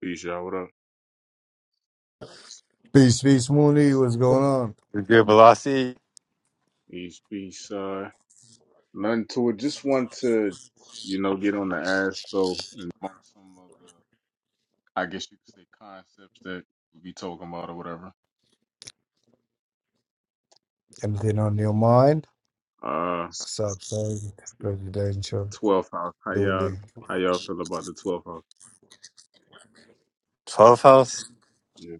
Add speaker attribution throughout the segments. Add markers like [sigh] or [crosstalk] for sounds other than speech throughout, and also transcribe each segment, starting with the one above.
Speaker 1: Peace, y'all. What up?
Speaker 2: Peace, peace, Mooney. What's going on?
Speaker 3: Your Velocity,
Speaker 1: Peace, peace. Uh, nothing to it. Just want to, you know, get on the ass though, and bunk some of the, I guess you could say, concepts that we be talking about or whatever.
Speaker 2: Anything on your mind?
Speaker 1: Uh,
Speaker 2: What's up, son? Presidential.
Speaker 1: twelfth house. How
Speaker 2: Lulu.
Speaker 1: y'all, how y'all feel about the twelfth house?
Speaker 3: 12th House.
Speaker 1: Yeah.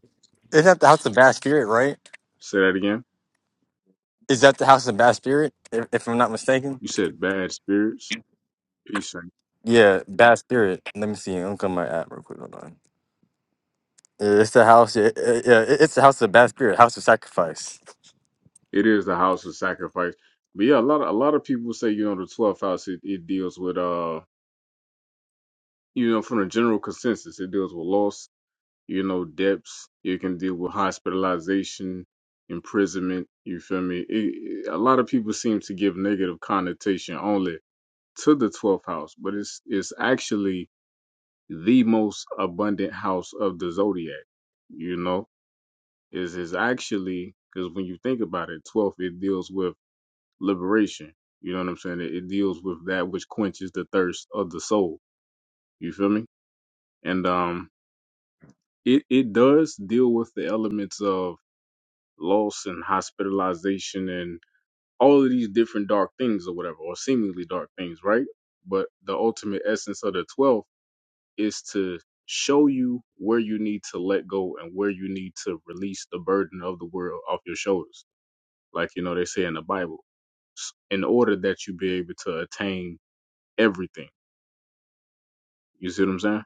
Speaker 3: Is that the House of Bad Spirit, right?
Speaker 1: Say that again.
Speaker 3: Is that the House of Bad Spirit, if, if I'm not mistaken?
Speaker 1: You said bad spirits. Peace. Saint.
Speaker 3: Yeah, Bad Spirit. Let me see. I'm looking at my app real quick. Hold on. Yeah, it's the house. Yeah, yeah, yeah, it's the House of Bad Spirit, House of Sacrifice.
Speaker 1: It is the house of sacrifice. But yeah, a lot of a lot of people say, you know, the twelfth house it, it deals with uh, you know, from the general consensus, it deals with loss you know, depths. It can deal with hospitalization, imprisonment. You feel me? It, it- a lot of people seem to give negative connotation only to the 12th house, but it's it's actually the most abundant house of the zodiac. You know, is is actually because when you think about it, 12th it deals with liberation. You know what I'm saying? It, it deals with that which quenches the thirst of the soul. You feel me? And um, it it does deal with the elements of loss and hospitalization and all of these different dark things or whatever, or seemingly dark things, right? But the ultimate essence of the 12th is to show you where you need to let go and where you need to release the burden of the world off your shoulders. Like, you know, they say in the Bible, s- in order that you be able to attain everything. You see what I'm saying?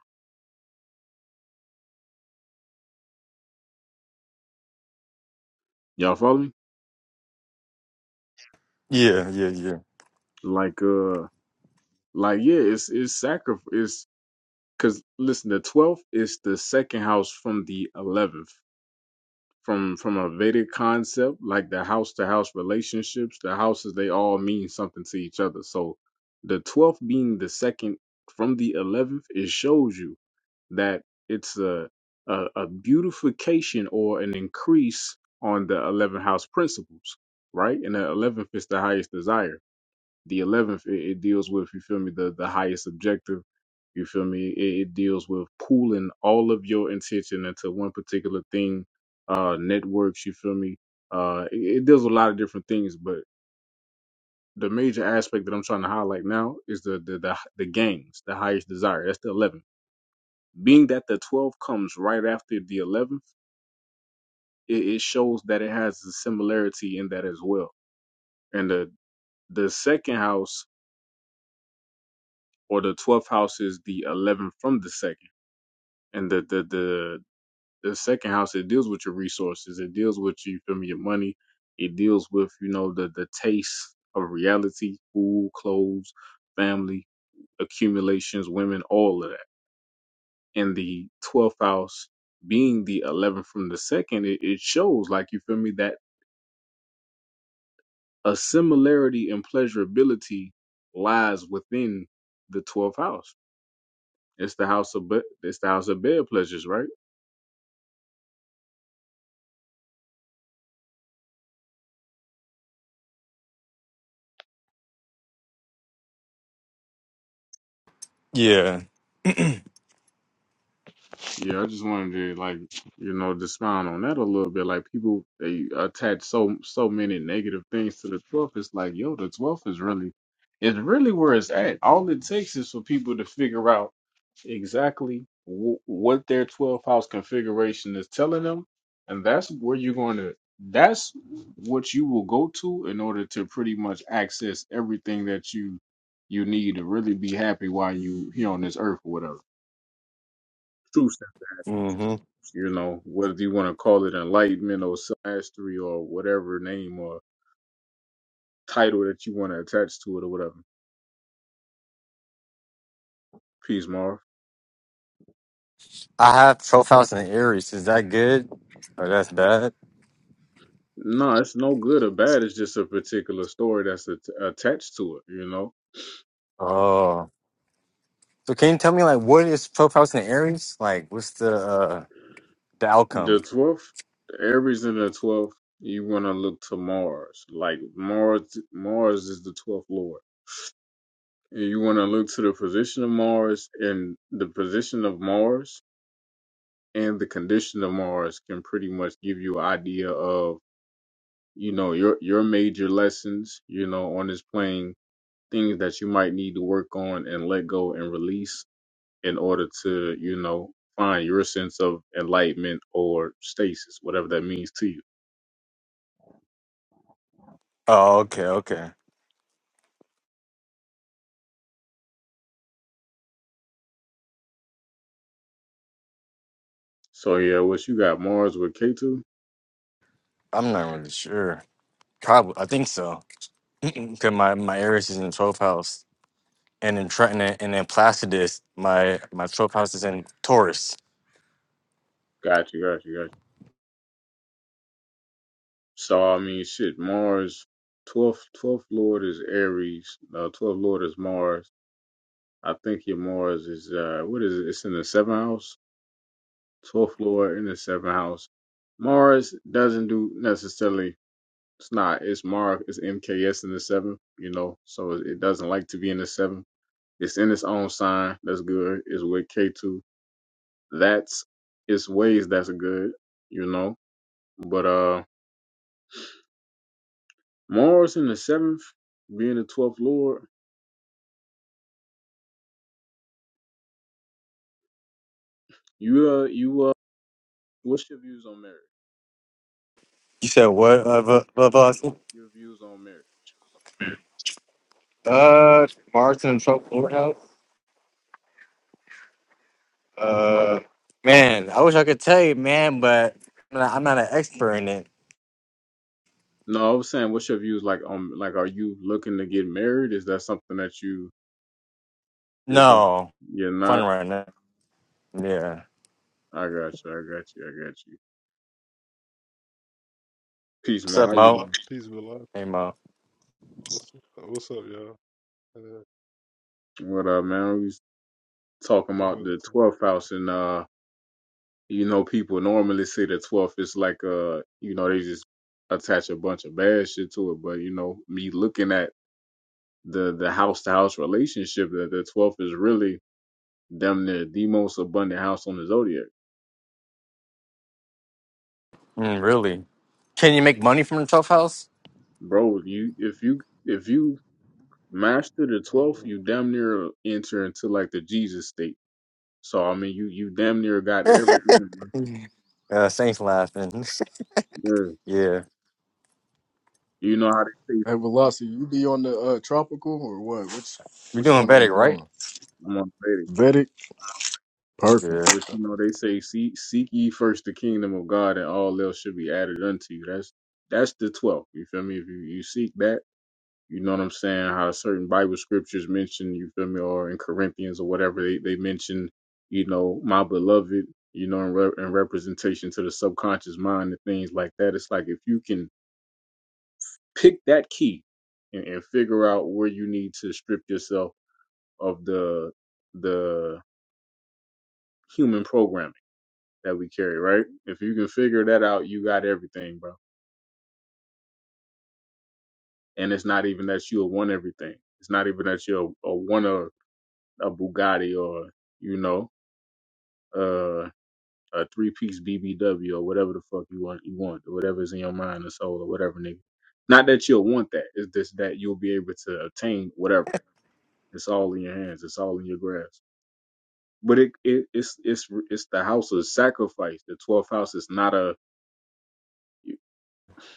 Speaker 1: Y'all follow me?
Speaker 3: Yeah, yeah, yeah.
Speaker 1: Like, uh, like, yeah, it's, it's sacrifice. Cause listen, the 12th is the second house from the 11th from from a Vedic concept, like the house to house relationships, the houses they all mean something to each other. So the twelfth being the second from the eleventh, it shows you that it's a, a a beautification or an increase on the eleven house principles, right? And the eleventh is the highest desire. The eleventh it, it deals with you feel me the the highest objective. You feel me? It, it deals with pooling all of your intention into one particular thing. Uh, networks. You feel me? Uh, it, it deals with a lot of different things, but the major aspect that I'm trying to highlight now is the the the, the gangs, the highest desire. That's the eleventh. Being that the twelfth comes right after the eleventh, it, it shows that it has a similarity in that as well. And the the second house or the twelfth house is the eleventh from the second. and the the the the second house it deals with your resources it deals with you feel me your money it deals with you know the the taste of reality food clothes family accumulations women all of that and the 12th house being the 11th from the second it, it shows like you feel me that a similarity and pleasurability lies within the 12th house it's the house of be- it's the house of bed pleasures right
Speaker 3: Yeah.
Speaker 1: Yeah, I just wanted to like you know expound on that a little bit. Like people they attach so so many negative things to the twelfth. It's like yo, the twelfth is really it's really where it's at. All it takes is for people to figure out exactly w- what their twelfth house configuration is telling them, and that's where you're going to. That's what you will go to in order to pretty much access everything that you you need to really be happy while you here on this earth or whatever. True
Speaker 3: Mm-hmm.
Speaker 1: you know, whether you want to call it enlightenment or mastery or whatever name or title that you want to attach to it or whatever. Peace, Marv.
Speaker 3: I have 12th House in Aries. Is that good? Or that's bad?
Speaker 1: No, it's no good or bad. It's just a particular story that's at- attached to it, you know.
Speaker 3: Oh. So can you tell me, like, what is 12th House in Aries? Like, what's the uh, the
Speaker 1: The
Speaker 3: outcome?
Speaker 1: 12th, Aries in the 12th, you want to look to Mars. Like Mars, Mars is the 12th Lord. And you want to look to the position of Mars and the position of Mars and the condition of Mars can pretty much give you an idea of you know your your major lessons you know on this plane things that you might need to work on and let go and release in order to you know find your sense of enlightenment or stasis whatever that means to you
Speaker 3: Oh, okay, okay.
Speaker 1: so yeah what you got mars with k2
Speaker 3: I'm not really sure. Probably, I think so. [clears throat] Because my my Aries is in 12th house, and in Trenton and in Placidus, my my 12th house is in Taurus.
Speaker 1: got you got you got you so i mean shit mars 12th 12th lord is aries uh 12th lord is mars i think your mars is uh what is it it's in the seventh house twelfth lord in the seventh house. Mars doesn't do necessarily. It's not. It's Mars. It's MKS in the seventh. You know, so it it doesn't like to be in the seventh. It's in its own sign. That's good. It's with K two. That's its ways. That's good. You know, but uh, Mars in the seventh, being the twelfth lord. You uh, you uh, what's your views on marriage?
Speaker 3: You said what of uh, Va- Va- Vasa?
Speaker 1: Your views on marriage?
Speaker 3: Uh, Mars and 12th Lord house. Uh, man, I wish I could tell you, man, but I'm not, I'm not an expert in it.
Speaker 1: No, I was saying, what's your views like on like? Are you looking to get married? Is that something that you Is that
Speaker 3: No,
Speaker 1: you're
Speaker 3: fun
Speaker 1: not?
Speaker 3: right now. Yeah.
Speaker 1: I got you. I got you. I got you. Peace,
Speaker 3: What's
Speaker 1: Mo.
Speaker 3: up,
Speaker 1: How you
Speaker 3: Mo?
Speaker 1: doing?
Speaker 4: Peace be love.
Speaker 3: Hey, Mo.
Speaker 4: What's up, what's up y'all? Uh,
Speaker 1: What up, man? We was talking
Speaker 4: what
Speaker 1: about the
Speaker 4: else?
Speaker 1: twelfth house, and uh, you know, people normally say the twelfth is like uh, you know, they just attach a bunch of bad shit to it. But you know, me looking at the the house to house relationship, that the twelfth is really damn near the most abundant house on the zodiac,
Speaker 3: Mm, really? Can you make money from the 12th house?
Speaker 1: bro. You if you if you master the
Speaker 4: I,
Speaker 1: twelfth, you damn near enter into like the Jesus state So I mean, you you damn near got everything. bro.
Speaker 3: Uh, Saints laughing.
Speaker 1: Yeah.
Speaker 3: [laughs] yeah,
Speaker 1: You know how they say,
Speaker 5: Hey, Velocity, you be on the uh, tropical or what? Which
Speaker 3: we're
Speaker 5: which
Speaker 3: doing
Speaker 5: one are
Speaker 3: better,
Speaker 5: you
Speaker 3: right?
Speaker 5: on?
Speaker 1: I'm on it,
Speaker 5: Vedic,
Speaker 3: Yeah.
Speaker 5: perfect.
Speaker 1: but you know they say, seek, seek ye first the kingdom of God, and all else should be added unto you. That's that's the twelfth. You feel me? If you, you seek that, you know what I'm saying. How certain Bible scriptures mention, you feel me, or in Corinthians or whatever they they mention, you know, my beloved, you know, in, re- in representation to the subconscious mind and things like that. It's like if you can pick that key and, and figure out where you need to strip yourself of the the human programming that we carry, right? If you can figure that out, you got everything, bro. And it's not even that you'll want everything. It's not even that you'll uh, want a, a Bugatti or you know uh, a three piece BBW or whatever the fuck you want you want or whatever's in your mind or soul or whatever, nigga. Not that you'll want that. It's just that you'll be able to obtain whatever. It's all in your hands. It's all in your grasp. But it, it it's it's it's the house of sacrifice. The twelfth house is not a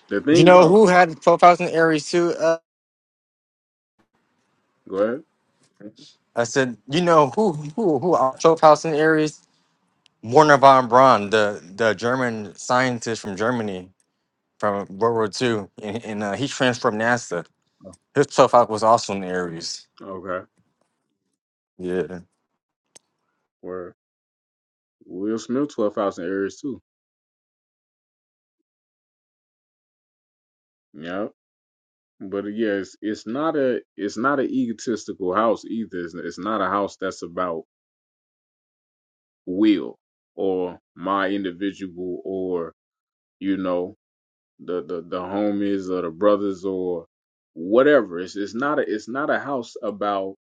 Speaker 1: The
Speaker 3: You
Speaker 1: thing
Speaker 3: know
Speaker 1: about
Speaker 3: who had twelve house in Aries too? Uh,
Speaker 1: go ahead.
Speaker 3: I said, you know who who who out- twelve house in Aries? Werner von Braun, the the German scientist from Germany from World War Two, and, and uh, he transferred from NASA.
Speaker 1: Oh,
Speaker 3: His twelve house was also in Aries.
Speaker 1: Okay.
Speaker 3: Yeah,
Speaker 1: Where Will Smith twelve thousand areas too. Yeah. But uh, yeah, it's, it's not a it's not an egotistical house either. It's, it's not a house that's about will or my individual or you know the the the homies or the brothers or whatever. It's it's not a it's not a house about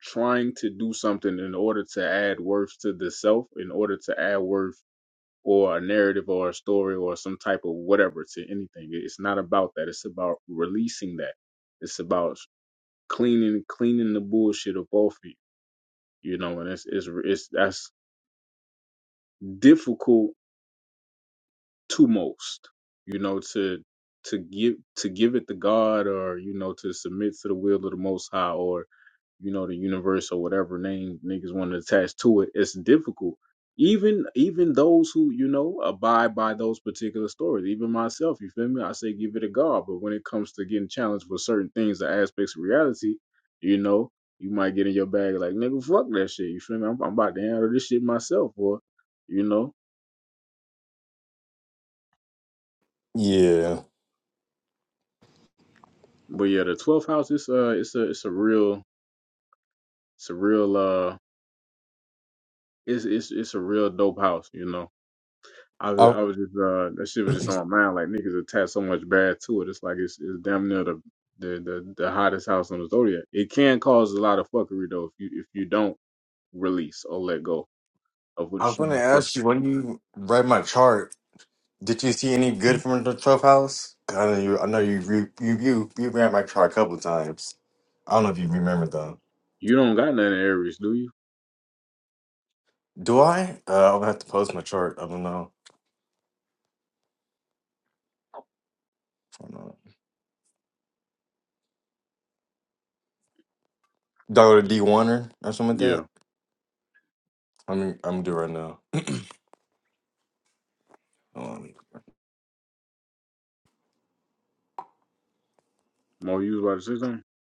Speaker 1: trying to do something in order to add worth to the self, in order to add worth or a narrative or a story or some type of whatever to anything. It's not about that. It's about releasing that. It's about cleaning cleaning the bullshit up off you. You know, and it's it's it's that's difficult to most. You know, to to give to give it to God or you know to submit to the will of the Most High or. you know, the universe or whatever name niggas want to attach to it, it's difficult. Even even those who, you know, abide by those particular stories, even myself, you feel me? I say give it a God. But when it comes to getting challenged with certain things or aspects of reality, you know, you might get in your bag like, nigga, fuck that shit. You feel me? I'm, I'm about to handle this shit myself, or you know.
Speaker 3: yeah.
Speaker 1: But yeah, the twelfth house is uh it's a it's a real it's a real uh it's it's it's a real dope house, you know I was,
Speaker 3: I,
Speaker 1: I was just, uh, that shit
Speaker 3: [clears throat]
Speaker 1: was just on my mind. Like niggas attach so much bad to it. It's like it's, it's damn near the, the, the, the hottest house on the zodiac. It can cause a lot of fuckery though if you if you don't release or let go of what
Speaker 3: I
Speaker 1: it's
Speaker 3: was
Speaker 1: trying
Speaker 3: gonna
Speaker 1: to. do.
Speaker 3: ask you when you read my chart, did you see any good from the twelfth house? 'Cause I know you. I know you. re- You you you ran my chart a couple times. I don't know if you remember though.
Speaker 1: You don't got nothing Aries, do you?
Speaker 3: Do I? Uh, I'll have to post my chart. I don't know. I don't know. Dollar
Speaker 4: yeah,
Speaker 3: D Warner or something like
Speaker 1: Yeah,
Speaker 3: that. I mean, I'm gonna do it right now. Um,
Speaker 1: more you was about to say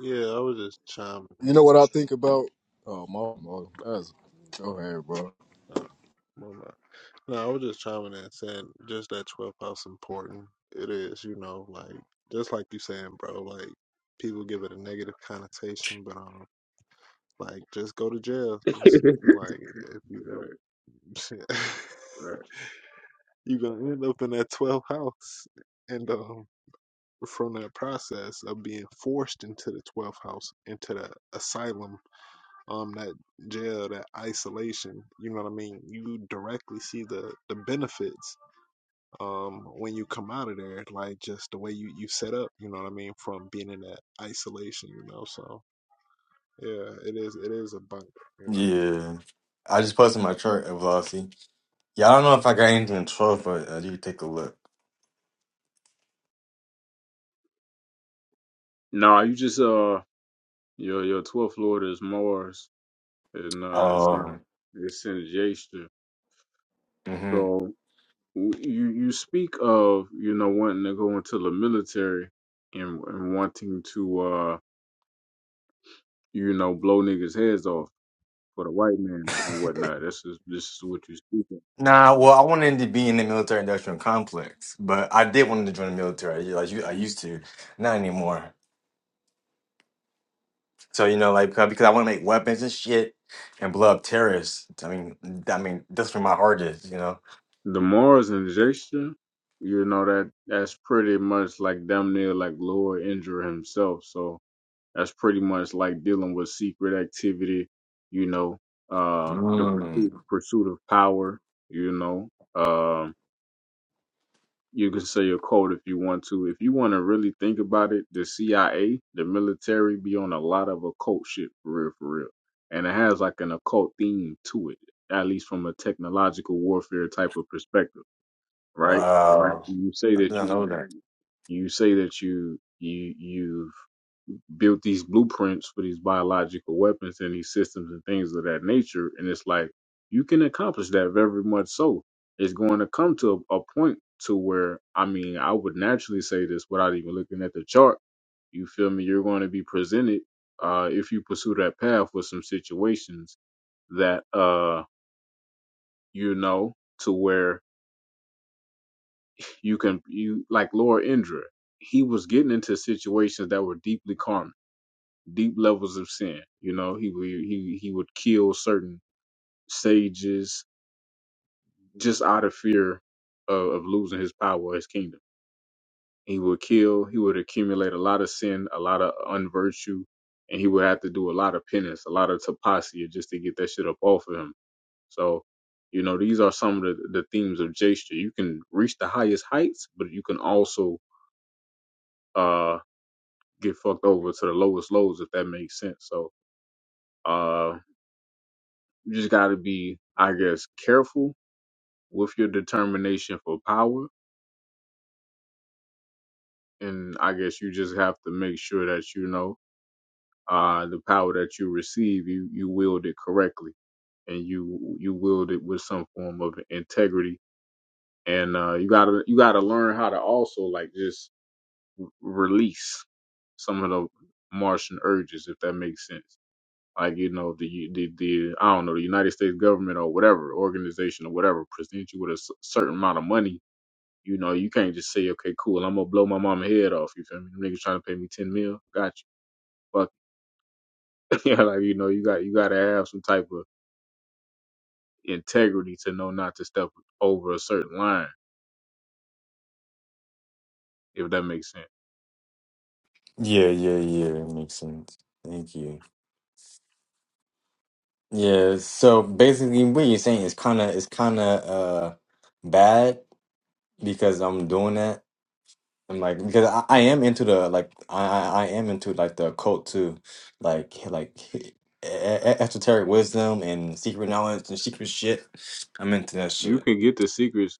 Speaker 4: yeah, I was just chiming. in.
Speaker 5: You know what I think about? Oh, my, my that's go
Speaker 4: No,
Speaker 5: ahead, bro.
Speaker 4: no, no, no. No, I was just chiming in saying just that 12 house important. It is, you know, like, just like you saying, bro, like, people give it a negative connotation, but, um, like, just go to jail. Just,
Speaker 1: something. [laughs]
Speaker 4: like, if you go, [laughs]
Speaker 1: Right.
Speaker 4: you gonna end up in that 12 house. And, um, from that process of being forced into the 12th house, into the asylum, um, that jail, that isolation. You know what I mean? You directly see the the benefits um when you come out of there, like just the way you you set up. You know what I mean? From being in that isolation, you know. So yeah, it is it is a bunk, you know.
Speaker 3: yeah, I just posted my chart at Velocity. Yeah, I don't know if I got anything in twelve, but uh, you take a look.
Speaker 1: No, you just uh your your twelfth lord is Mars and uh it's
Speaker 3: Oh,
Speaker 1: in it's in gesture.
Speaker 3: hmm
Speaker 1: So w- you you speak of you know wanting to go into the military and and wanting to uh you know blow niggas heads off for the white man and
Speaker 3: [laughs]
Speaker 1: whatnot. This is this is what you speak of.
Speaker 3: nah. Well, I wanted to be in the military industrial complex, but I did want to join the military. Like you, I used to, not anymore. So you know, like because because I want to make weapons and shit and blow up terrorists. I mean, I mean that's where my heart is. You know.
Speaker 1: The Mars injection, you know that that's pretty much like damn near like Lord Indra himself. So that's pretty much like dealing with secret activity, you know, uh the pursuit
Speaker 3: Mm,
Speaker 1: pursuit of power, you know. um, You can say a quote if you want to. If you want to really think about it, the CIA, the military, be on a lot of occult shit for real, for real, and it has like an occult theme to it, at least from a technological warfare type of perspective, right? You,
Speaker 3: wow.
Speaker 1: you say
Speaker 3: I
Speaker 1: that you
Speaker 3: didn't know
Speaker 1: want,
Speaker 3: that.
Speaker 1: you say that you you you've built these blueprints for these biological weapons and these systems and things of that nature. And it's like you can accomplish that very much so. It's going to come to a, a point to where I mean I would naturally say this without even looking at the chart. You feel me? You're going to be presented uh, if you pursue that path with some situations that uh you know to where you can you like Lord Indra. He was getting into situations that were deeply karmic deep levels of sin. You know, he would he he would kill certain sages just out of fear of, of losing his power, or his kingdom. He would kill. He would accumulate a lot of sin, a lot of unvirtue, and he would have to do a lot of penance, a lot of tapasya, just to get that shit up off of him. So, you know, these are some of the, the themes of Jaystra. You can reach the highest heights, but you can also uh, get fucked over to the lowest lows, if that makes sense. So, uh You just got to be, I guess, careful with your determination for power. And I guess you just have to make sure that you know uh, the power that you receive, you, you wield it correctly and you you wield it with some form of integrity. And uh, you gotta you gotta learn how to also like just release some of the Martian urges, if that makes sense. Like you know the the the I don't know the United States government or whatever organization or whatever presents you with a s- certain amount of money You know, you can't just say, okay, cool, I'm gonna blow my mama head off. You feel me? Them niggas trying to pay me ten mil. Got you. Fuck. it. [laughs] yeah, like you know, you got you gotta have some type of integrity to know not to step over a certain line, if that makes sense.
Speaker 3: Yeah, yeah, yeah. That makes sense. Thank you. Yeah. So basically, what you're saying is kind of it's kind of uh bad because I'm doing that. I'm like because I, I am into the like I, I I am into like the occult too, like like e- e- esoteric wisdom and secret knowledge and secret shit. I'm into that
Speaker 1: You
Speaker 3: shit.
Speaker 1: can get the secrets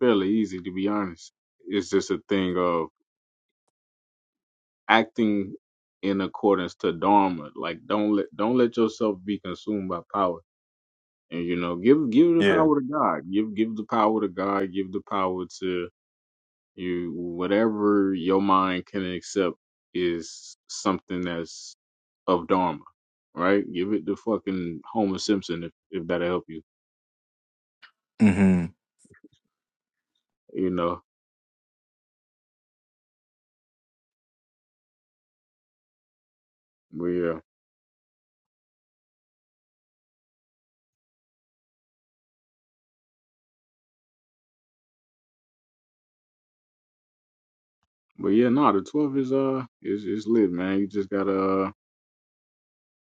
Speaker 1: fairly easy, to be honest. It's just a thing of acting in accordance to dharma. Like don't let don't let yourself be consumed by power. And you know, give give the
Speaker 3: Yeah.
Speaker 1: power to God. Give give the power to God. Give the power to You whatever your mind can accept is something that's of Dharma, right? Give it to fucking Homer Simpson if, if that'll help you.
Speaker 3: Mm-hmm.
Speaker 1: You know. But yeah. But yeah, no, the twelve is uh is is lit, man. You just gotta uh,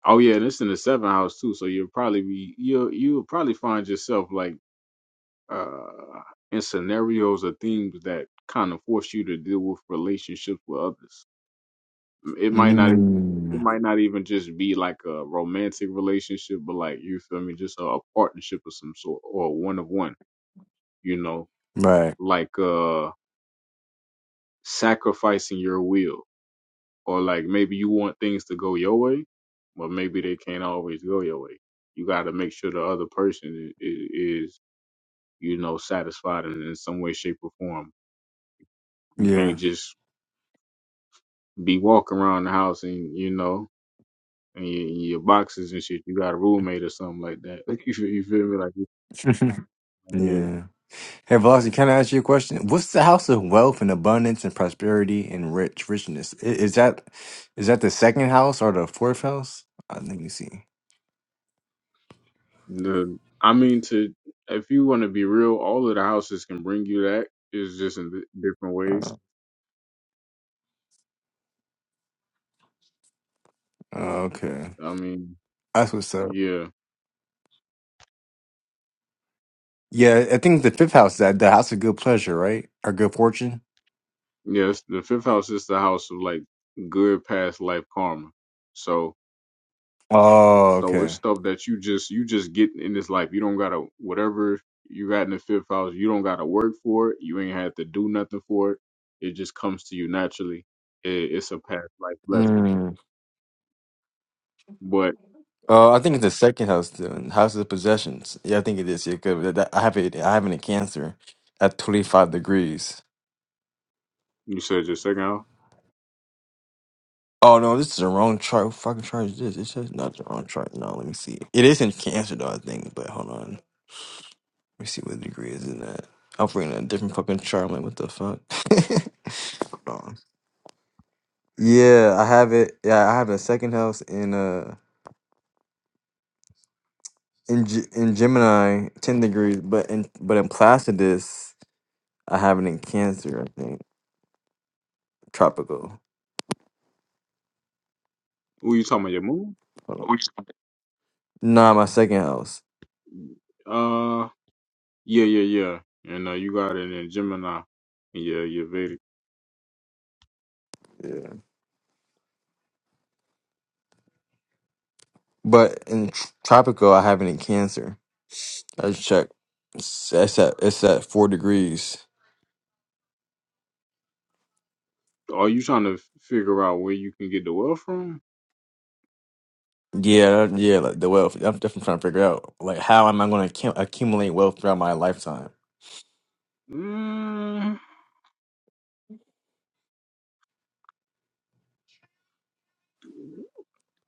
Speaker 1: Oh yeah, and it's in the seventh house too, so you'll probably be you'll you'll probably find yourself like uh in scenarios or things that kind of force you to deal with relationships with others It might not. e-
Speaker 3: Mm-hmm.
Speaker 1: It might not even just be like a romantic relationship, but like you feel me, just a, a partnership of some sort or one of one. You know,
Speaker 3: Right.
Speaker 1: like uh sacrificing your will, or like maybe you want things to go your way, but maybe they can't always go your way. You got to make sure the other person is, is you know satisfied in, in some way, shape, or form. You
Speaker 3: Yeah.
Speaker 1: can't just be walking around the house and you know and your, your boxes and shit. You got a roommate or something like that. [laughs] Like you, feel- you feel me? Like it's
Speaker 3: [laughs]
Speaker 1: not here.
Speaker 3: yeah. Hey, Velocity, can I ask you a question? What's the house of wealth and abundance and prosperity and rich richness? I- Is that is that the second house or the fourth house? I think you see.
Speaker 1: The I mean, to if you want to be real, all of the houses can bring you that. It's just in di- different
Speaker 3: Uh,
Speaker 1: ways.
Speaker 3: okay,
Speaker 1: I mean,
Speaker 3: that's what's up.
Speaker 1: yeah,
Speaker 3: Yeah, I think the fifth house is that the house of good pleasure, right? Or good fortune.
Speaker 1: yes. The fifth house is the house of like good past life karma. So
Speaker 3: Oh,
Speaker 1: So it's
Speaker 3: okay.
Speaker 1: stuff that you just you just get in this life. You don't gotta whatever you got in the fifth house, you don't gotta work for it. You ain't had to do nothing for it. It just comes to you naturally. It, it's a past life blessing.
Speaker 3: Mm.
Speaker 1: But
Speaker 3: Uh, I think it's the second house, the house of possessions. Yeah, I think it is. Yeah, good. That- that- I have it. I have it in Cancer at twenty five degrees.
Speaker 1: you said your second house?
Speaker 3: Oh no, this is the wrong chart. Who fucking chart is this? It's just not the wrong chart. No, let me see. It is in cancer though, I think, but hold on. Let me see what degree is in that. I'm bringing a different fucking chart. I'm like, what the fuck? [laughs] hold on. Yeah, I have it. Yeah, I have a second house in uh in G- in Gemini, ten degrees, but in but in Placidus, I have it in Cancer, I think. Tropical.
Speaker 1: Who you talking about? Your moon?
Speaker 3: Hold on. Nah, my second house.
Speaker 1: Uh yeah, yeah, yeah. And uh, you got it in Gemini and yeah, your Vedic.
Speaker 3: Yeah. But in tr- tropical, I have it in Cancer. I just check. It's, it's at it's at four degrees.
Speaker 1: Are you trying to f- figure out where you can get the wealth from?
Speaker 3: Yeah, that- yeah. Like the wealth. I'm definitely trying to figure out like how am I going to accumulate wealth throughout my lifetime.
Speaker 1: Mm,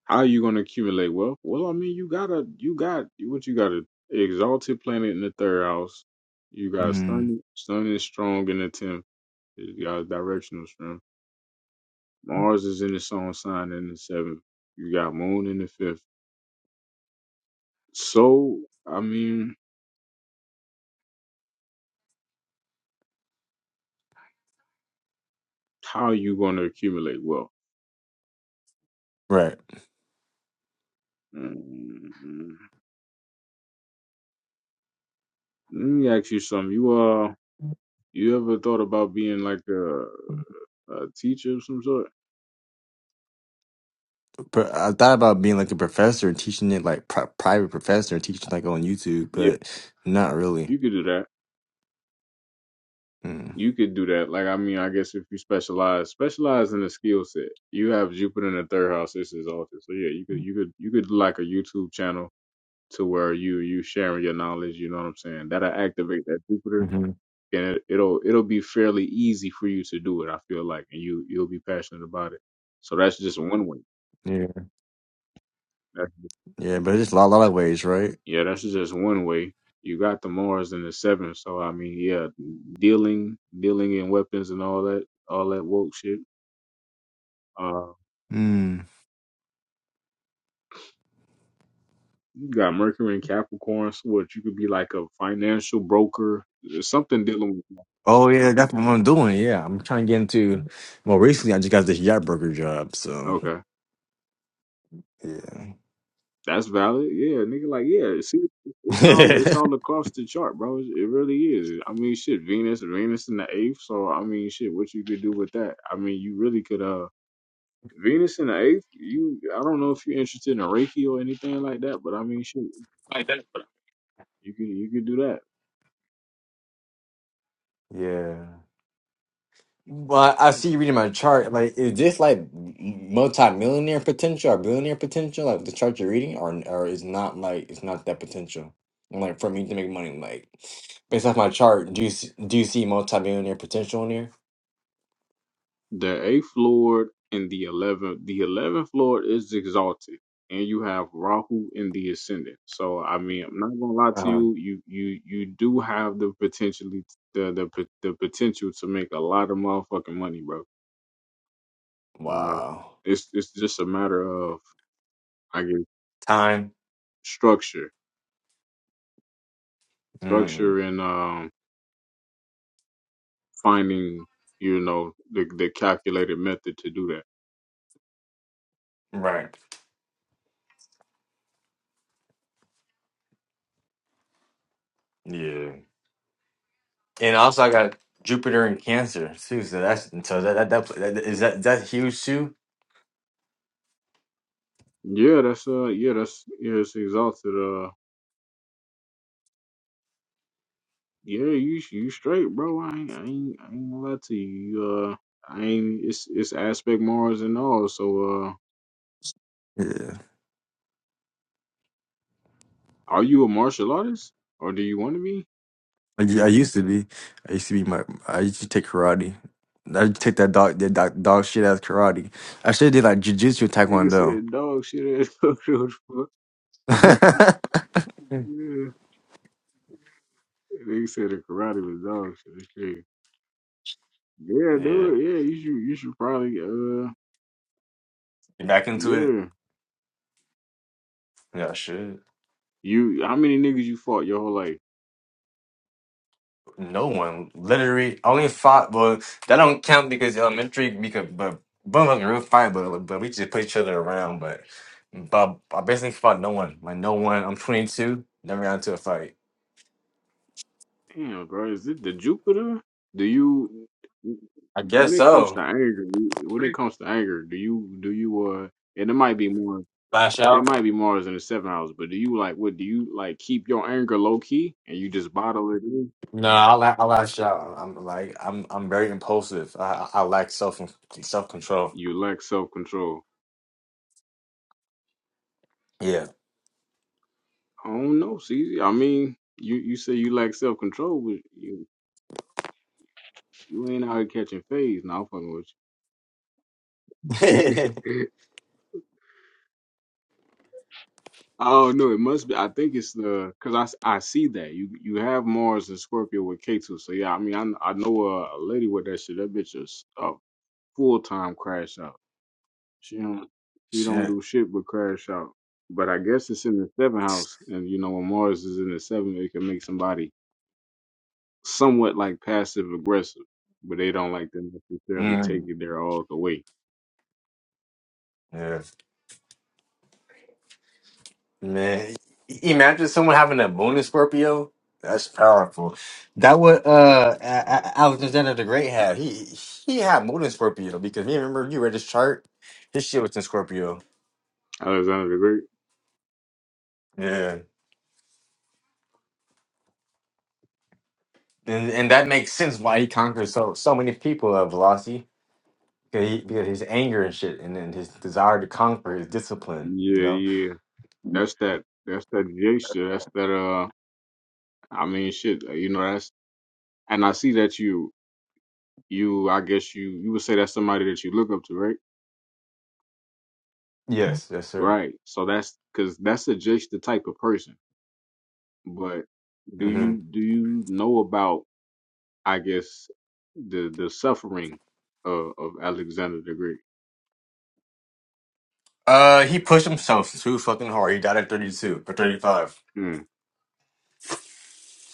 Speaker 1: How are you gonna accumulate wealth? Well, I mean, you gotta, you got what you got a exalted planet in the third house. You got
Speaker 3: Mm.
Speaker 1: sun, sun is strong in the tenth. You got directional strength. Mars is in its own sign in the seventh. You got moon in the fifth. So, I mean, how are you gonna accumulate wealth?
Speaker 3: Right.
Speaker 1: mm Let me ask you something. You uh, you ever thought about being like a, a teacher of some sort?
Speaker 3: But I thought about being like a professor and teaching it like pri- private professor, and teaching like on YouTube,
Speaker 1: Yeah,
Speaker 3: but not really.
Speaker 1: you could do that
Speaker 3: Mm.
Speaker 1: you could do that. Like, I mean, I guess if you specialize, specialize in a skill set. You have Jupiter in the third house. This is altar. So yeah, you could, you could, you could do like a YouTube channel to where you you sharing your knowledge. You know what I'm saying? That'll activate that Jupiter,
Speaker 3: Mm-hmm.
Speaker 1: and it, it'll it'll be fairly easy for you to do it. I feel like, and you you'll be passionate about it. So that's just one way.
Speaker 3: Yeah.
Speaker 1: That's,
Speaker 3: Yeah, but there's a lot, lot of ways, right?
Speaker 1: yeah, that's just one way. You got the Mars in the seventh. So I mean, yeah, dealing dealing in weapons and all that all that woke shit. uh,
Speaker 3: Mm.
Speaker 1: You got Mercury and Capricorn, so what you could be like a financial broker, uh, something dealing with.
Speaker 3: Oh yeah, that's what I'm doing. Yeah, I'm trying to get into. Well, recently I just got this yacht broker job, so
Speaker 1: Okay, that's valid. Yeah, nigga, like yeah, see, it's all it's
Speaker 3: yeah,
Speaker 1: all across the chart, bro. It it really is. I mean, shit, Venus, Venus in the eighth. So I mean, shit, what you could do with that? I mean, you really could uh. Venus in the eighth, you I don't know if you're interested in Reiki or anything like that, but I mean shit, you could you could do that.
Speaker 3: [laughs] Yeah. Well, I see you reading my chart. Like, is this like multi-millionaire potential or billionaire potential? Like the chart you're reading, or or is not like it's not that potential. And, Like for me to make money, like based off my chart, do you see, do you see multi-millionaire potential in here?
Speaker 1: The eighth lord and the eleventh. The eleventh lord is exalted, and you have Rahu in the ascendant. So I mean, I'm not gonna lie to
Speaker 3: Uh-huh.
Speaker 1: you. You you you do have the potentially the the pot- the potential to make a lot of motherfucking money, bro. Uh,
Speaker 3: Wow.
Speaker 1: it's it's just a matter of I guess
Speaker 3: Time.
Speaker 1: structure,
Speaker 3: Mm-mm.
Speaker 1: structure, and um finding you know the the calculated method to do that.
Speaker 3: Right. Yeah. And also, I got Jupiter and Cancer too. So that's so that that, that, that is that that's huge too.
Speaker 1: Yeah, that's uh yeah that's yeah it's exalted uh. Yeah, you you straight, bro. I ain't I ain't, I ain't gonna lie to you. Uh, I ain't. It's it's aspect Mars and all. So, uh, are you a martial artist or do you want to be?
Speaker 3: I, I used to be. I used to be my. I used to take karate. I used to take that dog that dog, dog shit as karate. I should have did like jujitsu and
Speaker 1: Nigga
Speaker 3: taekwondo.
Speaker 1: said dog shit ass [laughs] photo.
Speaker 3: [laughs]
Speaker 1: yeah, nigga said the karate was dog shit. It's crazy. Yeah,
Speaker 3: yeah,
Speaker 1: do it. Yeah, you should you should probably uh
Speaker 3: you back into it?
Speaker 1: yeah.
Speaker 3: Yeah, I should.
Speaker 1: You how many niggas you fought your whole life?
Speaker 3: No one literally I only fought, but that don't count because elementary. Because but both of us real fight, but but we just put each other around. But but I basically fought no one. Like no one. I'm 22. Never got into a fight.
Speaker 1: Damn, bro, is it the Jupiter? Do you
Speaker 3: I
Speaker 1: when
Speaker 3: guess
Speaker 1: it comes to
Speaker 3: so.
Speaker 1: anger? When it comes to anger, do you do you uh? And it might be more.
Speaker 3: Flash out.
Speaker 1: It might be Mars in the seventh house, but do you like what? Do you like keep your anger low key and you just bottle it in?
Speaker 3: No, I la I lash out. I'm like I'm I'm very impulsive. I I I lack self self control.
Speaker 1: You lack self control.
Speaker 3: Yeah.
Speaker 1: I don't know, CZ. I mean, you you say you lack self control, but you you ain't out here catching phase. Now I'm fucking
Speaker 3: [laughs]
Speaker 1: with you. [laughs] Oh no, it must be. I think it's the because I, s- I see that you you have Mars and Scorpio with K2. So yeah, I mean I kn- I know a, a lady with that shit. That bitch is a full time crash out. She don't you don't do
Speaker 3: Shit.
Speaker 1: shit but crash out. But I guess it's in the seventh house, and you know when Mars is in the seventh, it can make somebody somewhat like passive aggressive, but they don't like to necessarily take
Speaker 3: Mm,
Speaker 1: it there all the way.
Speaker 3: yeah. Man, i- imagine someone having a moon in Scorpio. That's powerful. That what uh A- A- Alexander the Great had. He he had moon in Scorpio because me remember you read his chart. His shit was in Scorpio.
Speaker 1: Alexander the Great.
Speaker 3: Yeah. And and that makes sense why he conquered so so many people at Velocity. Because, he, because his anger and shit, and then his desire to conquer, his discipline, you
Speaker 1: Yeah,
Speaker 3: know?
Speaker 1: yeah, that's that. That's that J shit. That's that. uh, I mean, shit, uh, you know that's and I see that you you I guess you you would say that's somebody that you look up to, right?
Speaker 3: Yes, yes, sir.
Speaker 1: Right. So that's because that's a, just the type of person. But do
Speaker 3: hmm
Speaker 1: you do you know about I guess the the suffering of, of Alexander the Great?
Speaker 3: Uh, he pushed himself too fucking hard. He died at 32 or 35.
Speaker 1: Mm.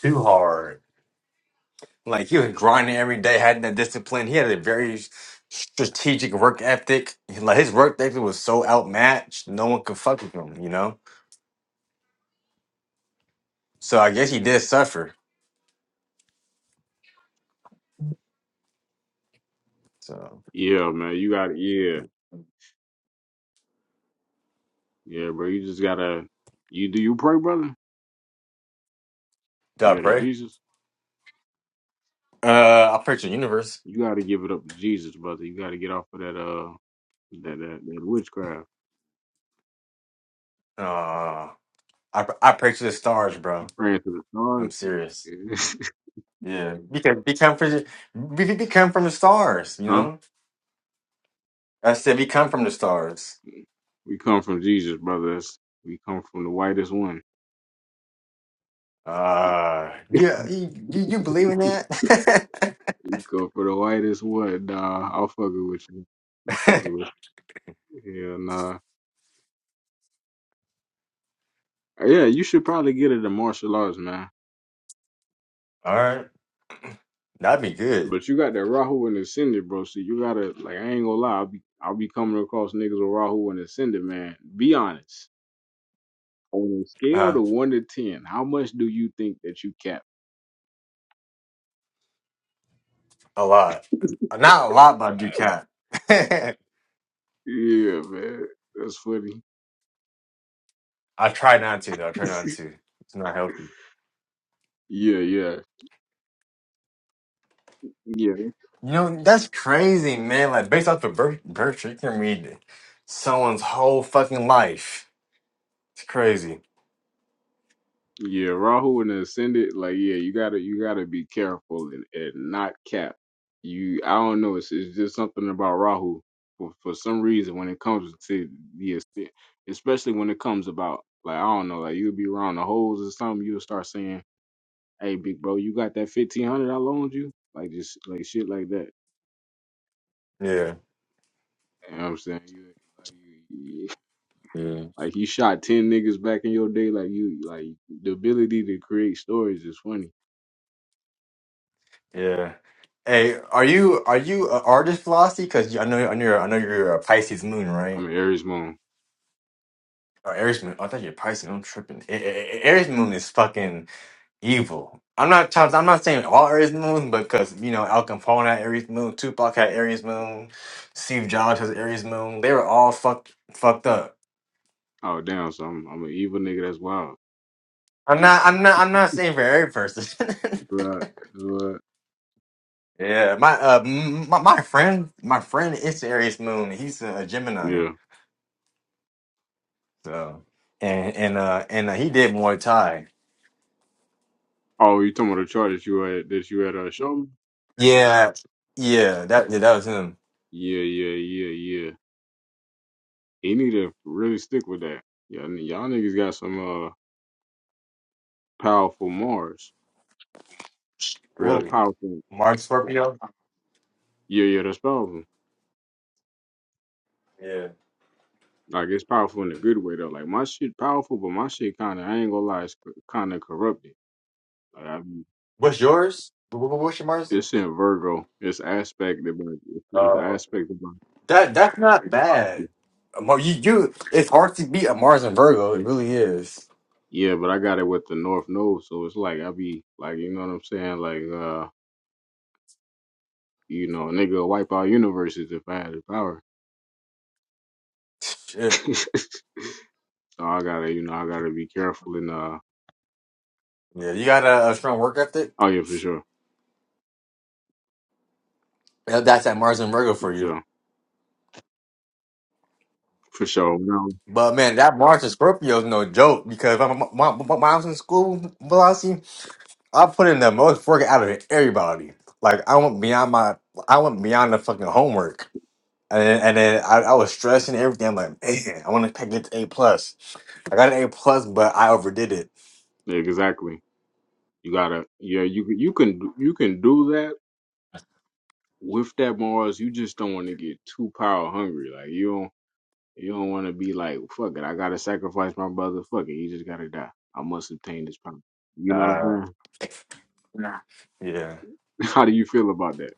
Speaker 3: Too hard. Like, he was grinding every day, had that discipline. He had a very strategic work ethic. Like, his work ethic was so outmatched, no one could fuck with him, you know? So I guess he did suffer. So,
Speaker 1: Yeah, man, you got yeah
Speaker 3: did
Speaker 1: yeah, bro. You just gotta you do you pray, brother?
Speaker 3: I
Speaker 1: Yeah, to
Speaker 3: pray?
Speaker 1: Jesus.
Speaker 3: Uh, I pray to the universe.
Speaker 1: You got to give it up to Jesus, brother. You got to get off of that uh that that, that witchcraft.
Speaker 3: Uh, I, I pray to the stars, bro.
Speaker 1: You praying to
Speaker 3: I'm serious.
Speaker 1: the stars?
Speaker 3: Yeah, because we come from we, we come from the stars, you
Speaker 1: [laughs] huh?
Speaker 3: know. I said we come from the stars.
Speaker 1: We come from Jesus, brothers. We come from the whitest one.
Speaker 3: Uh yeah, you you, you believe in that?
Speaker 1: We come from the whitest one. Nah, I'll fuck it with you. I'll fuck it
Speaker 3: [laughs]
Speaker 1: with you. Yeah, nah. Yeah, you should probably get into martial arts, man.
Speaker 3: All right, that'd be good.
Speaker 1: But you got that Rahu and Ascended, bro. So you gotta like I ain't gonna lie, I'll be I'll be coming across niggas with Rahu and Ascended, man. Be honest. On a scale
Speaker 3: Uh,
Speaker 1: of one to ten, how much do you think that you cap?
Speaker 3: a lot,
Speaker 1: [laughs]
Speaker 3: not a lot, but you can. [laughs]
Speaker 1: Yeah, man. That's funny.
Speaker 3: I try not to though. I try not to. It's not healthy.
Speaker 1: Yeah, yeah, yeah,
Speaker 3: You know that's crazy, man. Like based off of birth, birth, you can read someone's whole fucking life. It's crazy.
Speaker 1: yeah. Rahu and the Ascendant, like, yeah, you gotta, you gotta be careful and, and not cap. You, I don't know, it's, it's just something about Rahu for, for some reason when it comes to the Ascendant, especially when it comes about, like, I don't know, like, you'll be around the holes or something, you'll start saying, hey, big bro, you got that 1500 I loaned you? Like, just, like, shit like that.
Speaker 3: Yeah.
Speaker 1: You know what I'm saying? You, like, you,
Speaker 3: Yeah.
Speaker 1: like, you shot 10 niggas back in your day, like, you, like, the ability to create stories is funny
Speaker 3: Yeah. Hey, are you are you an artist, Velocity? Because I know I know you're, I know you're a Pisces moon,
Speaker 1: I'm
Speaker 3: right?
Speaker 1: an Aries moon.
Speaker 3: Or Aries moon. I thought you're Pisces. I'm tripping. A- A- A- Aries moon is fucking evil. I'm not trying- I'm not saying all Aries moon, but because you know Al Capone had Aries moon, Tupac had Aries moon, Steve Jobs has Aries moon. They were all fucked fucked up.
Speaker 1: Oh damn, so I'm I'm an evil nigga. That's wild.
Speaker 3: I'm not I'm not I'm not saying for every person. [laughs]
Speaker 1: Right. Right.
Speaker 3: Yeah, my uh, m- my, my friend, my friend is Aries Moon. He's a Gemini.
Speaker 1: Yeah.
Speaker 3: So and and uh and uh, he did Muay Thai.
Speaker 1: Oh, you talking about the chart that you had that you had uh show me?
Speaker 3: Yeah. Yeah, that yeah, that was him.
Speaker 1: Yeah, yeah, yeah, yeah. He need to really stick with that. Y'all, ni- y'all niggas got some uh powerful Mars. Well,
Speaker 3: Really?
Speaker 1: powerful.
Speaker 3: Mark Scorpio?
Speaker 1: Yeah, yeah, that's powerful.
Speaker 3: Yeah.
Speaker 1: Like it's powerful in a good way though. Like my shit powerful, but my shit kind of I ain't gonna lie, it's kind of corrupted. Like I mean,
Speaker 3: What's yours? Wh- wh- What's your Mars?
Speaker 1: it's in Virgo. It's aspected about it's it's
Speaker 3: Uh,
Speaker 1: aspected by.
Speaker 3: that that's not bad. Um, You you it's hard to beat a Mars and Virgo. It really is.
Speaker 1: Yeah, but I got it with the North Node, so it's like I be like, you know what I'm saying? Like, uh, you know, a nigga would wipe out universes if I had the power. [laughs]
Speaker 3: Shit.
Speaker 1: so I gotta, you know, I gotta be careful and uh,
Speaker 3: Yeah, you got a, a strong work ethic.
Speaker 1: oh yeah, for sure,
Speaker 3: Yeah, That's that Mars and Virgo for
Speaker 1: for
Speaker 3: you.
Speaker 1: sure, for sure. No,
Speaker 3: But man, that Mars and Scorpio is no joke because when, when, when I was in school, I put in the most work out of everybody. Like I went beyond my, I went beyond the fucking homework, and then, and then I, I was stressing everything. I'm like, man, I want to get to A plus. I got an A plus, but I overdid it.
Speaker 1: exactly. You gotta, yeah, you can- you can you can do that with that Mars. You just don't want to get too power hungry. Like you don't you don't want to be like, fuck it, I gotta sacrifice my brother. Fuck it, he just gotta die. I must obtain this power. You know what
Speaker 3: Uh,
Speaker 1: I'm
Speaker 3: nah. Yeah,
Speaker 1: saying? [laughs] How do you feel about that?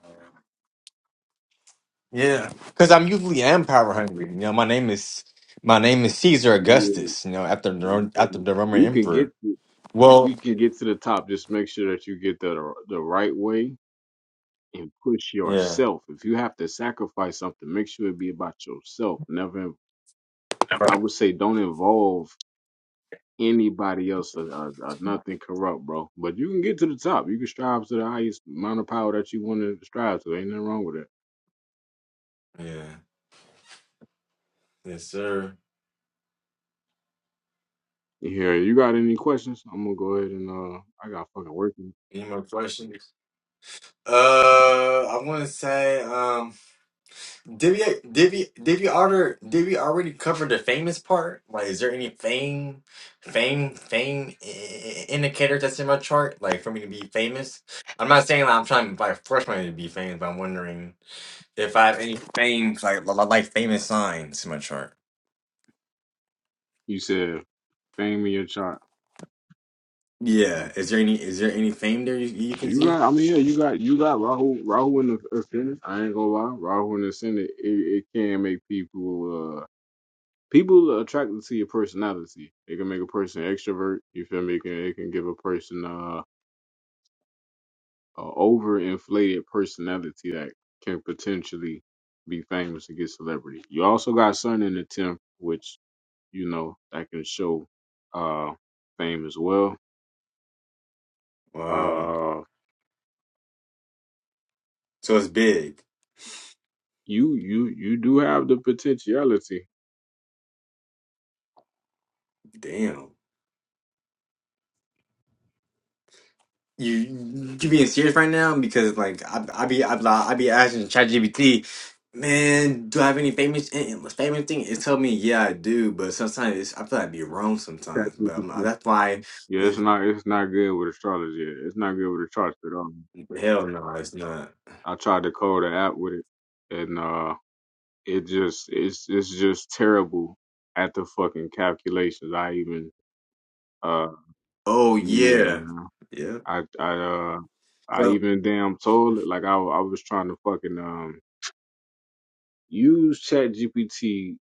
Speaker 3: yeah. Because I'm usually am power hungry. You know, my name is my name is Caesar
Speaker 1: Yeah.
Speaker 3: Augustus. You know, after the Ro- after the Roman
Speaker 1: You can
Speaker 3: emperor.
Speaker 1: get
Speaker 3: Well,
Speaker 1: you can get to the top. Just make sure that you get there the the right way and push
Speaker 3: yeah,
Speaker 1: yourself. If you have to sacrifice something, make sure it be about yourself. Never, in- I would say, don't involve anybody else or, or, or nothing corrupt, bro. But you can get to the top. You can strive to the highest amount of power that you want to strive to. Ain't nothing wrong with that.
Speaker 3: yeah, yes, sir.
Speaker 1: Here, you got any questions? I'm gonna go ahead and uh, I got fucking working.
Speaker 3: Any more questions? Uh, I want to say, um. Did we did we did we already did we already cover the famous part? Like, is there any fame, fame, fame i- i- indicators that's in my chart? Like, for me to be famous, I'm not saying like, I'm trying to like force me to be famous, but I'm wondering if I have any fame like li- li- like famous signs in my chart.
Speaker 1: You said fame in your chart.
Speaker 3: Yeah, is there any is there any fame there you, you can
Speaker 1: You
Speaker 3: see?
Speaker 1: got, I mean, yeah, you got, you got Rahu, Rahu in the ascendant. I ain't gonna lie, Rahu in the ascendant. it, it can make people, uh, people are attracted to your personality. It can make a person extrovert. You feel me? It can, it can give a person, uh, a overinflated personality that can potentially be famous and get celebrity. You also got Sun in the tenth, which you know that can show, uh, fame as well.
Speaker 3: Wow,
Speaker 1: Uh,
Speaker 3: so it's big.
Speaker 1: you, you, you do have the potentiality.
Speaker 3: Damn. you you being serious right now because like I I be I, be- I be asking ChatGPT, man, do I have any famous eh, famous thing? It tell me yeah I do, but sometimes it's, I feel like I be wrong sometimes. But I'm, that's why
Speaker 1: Yeah, it's
Speaker 3: it's,
Speaker 1: not it's not good with astrology. It's not good with the charts at all.
Speaker 3: hell no, it's not.
Speaker 1: I tried to code an app with it, and uh, it just it's it's just terrible at the fucking calculations. I even uh
Speaker 3: Oh
Speaker 1: yeah
Speaker 3: yeah,
Speaker 1: man,
Speaker 3: yeah.
Speaker 1: I I uh I
Speaker 3: So
Speaker 1: even damn told it like I I was trying to fucking um use ChatGPT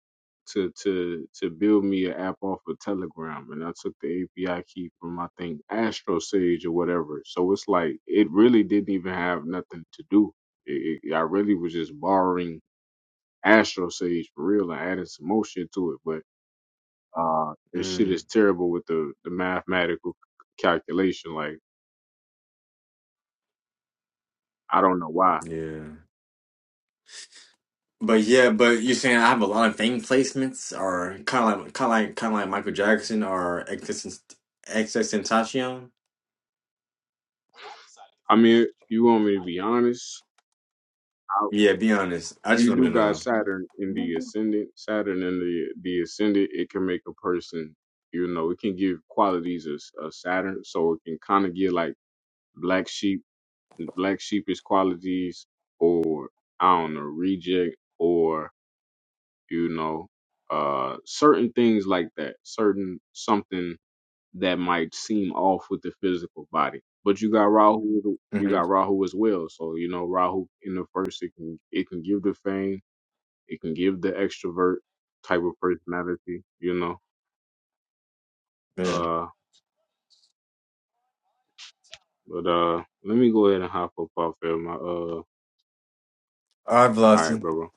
Speaker 1: to to to build me an app off of Telegram, and I took the API key from I think Astro Sage or whatever. So it's like it really didn't even have nothing to do. It, it, I really was just borrowing Astro Sage for real and adding some more shit to it. But uh, this shit
Speaker 3: mm,
Speaker 1: is terrible with the the mathematical c- calculation. Like I don't know why.
Speaker 3: yeah. But yeah, but you're saying I have a lot of fame placements, or kind of like, kind of like, kind of like Michael Jackson or XXXTentacion?
Speaker 1: I mean, you want me to be honest?
Speaker 3: Yeah, be honest. I just
Speaker 1: you
Speaker 3: want
Speaker 1: do
Speaker 3: to
Speaker 1: got
Speaker 3: know.
Speaker 1: Saturn in the ascendant. Saturn in the the ascendant, it can make a person, you know, it can give qualities of, of Saturn. So it can kind of give like black sheep, black sheepish qualities, or I don't know, reject, or you know, uh, certain things like that. Certain something that might seem off with the physical body. But you got Rahu, you
Speaker 3: Mm-hmm.
Speaker 1: got Rahu as well. So you know, Rahu in the first, it can it can give the fame it can give the extrovert type of personality, you know.
Speaker 3: Yeah.
Speaker 1: Uh, but uh, let me go ahead and hop up off here. My uh, all
Speaker 3: All right,
Speaker 1: right,
Speaker 3: Velocity.
Speaker 1: brother.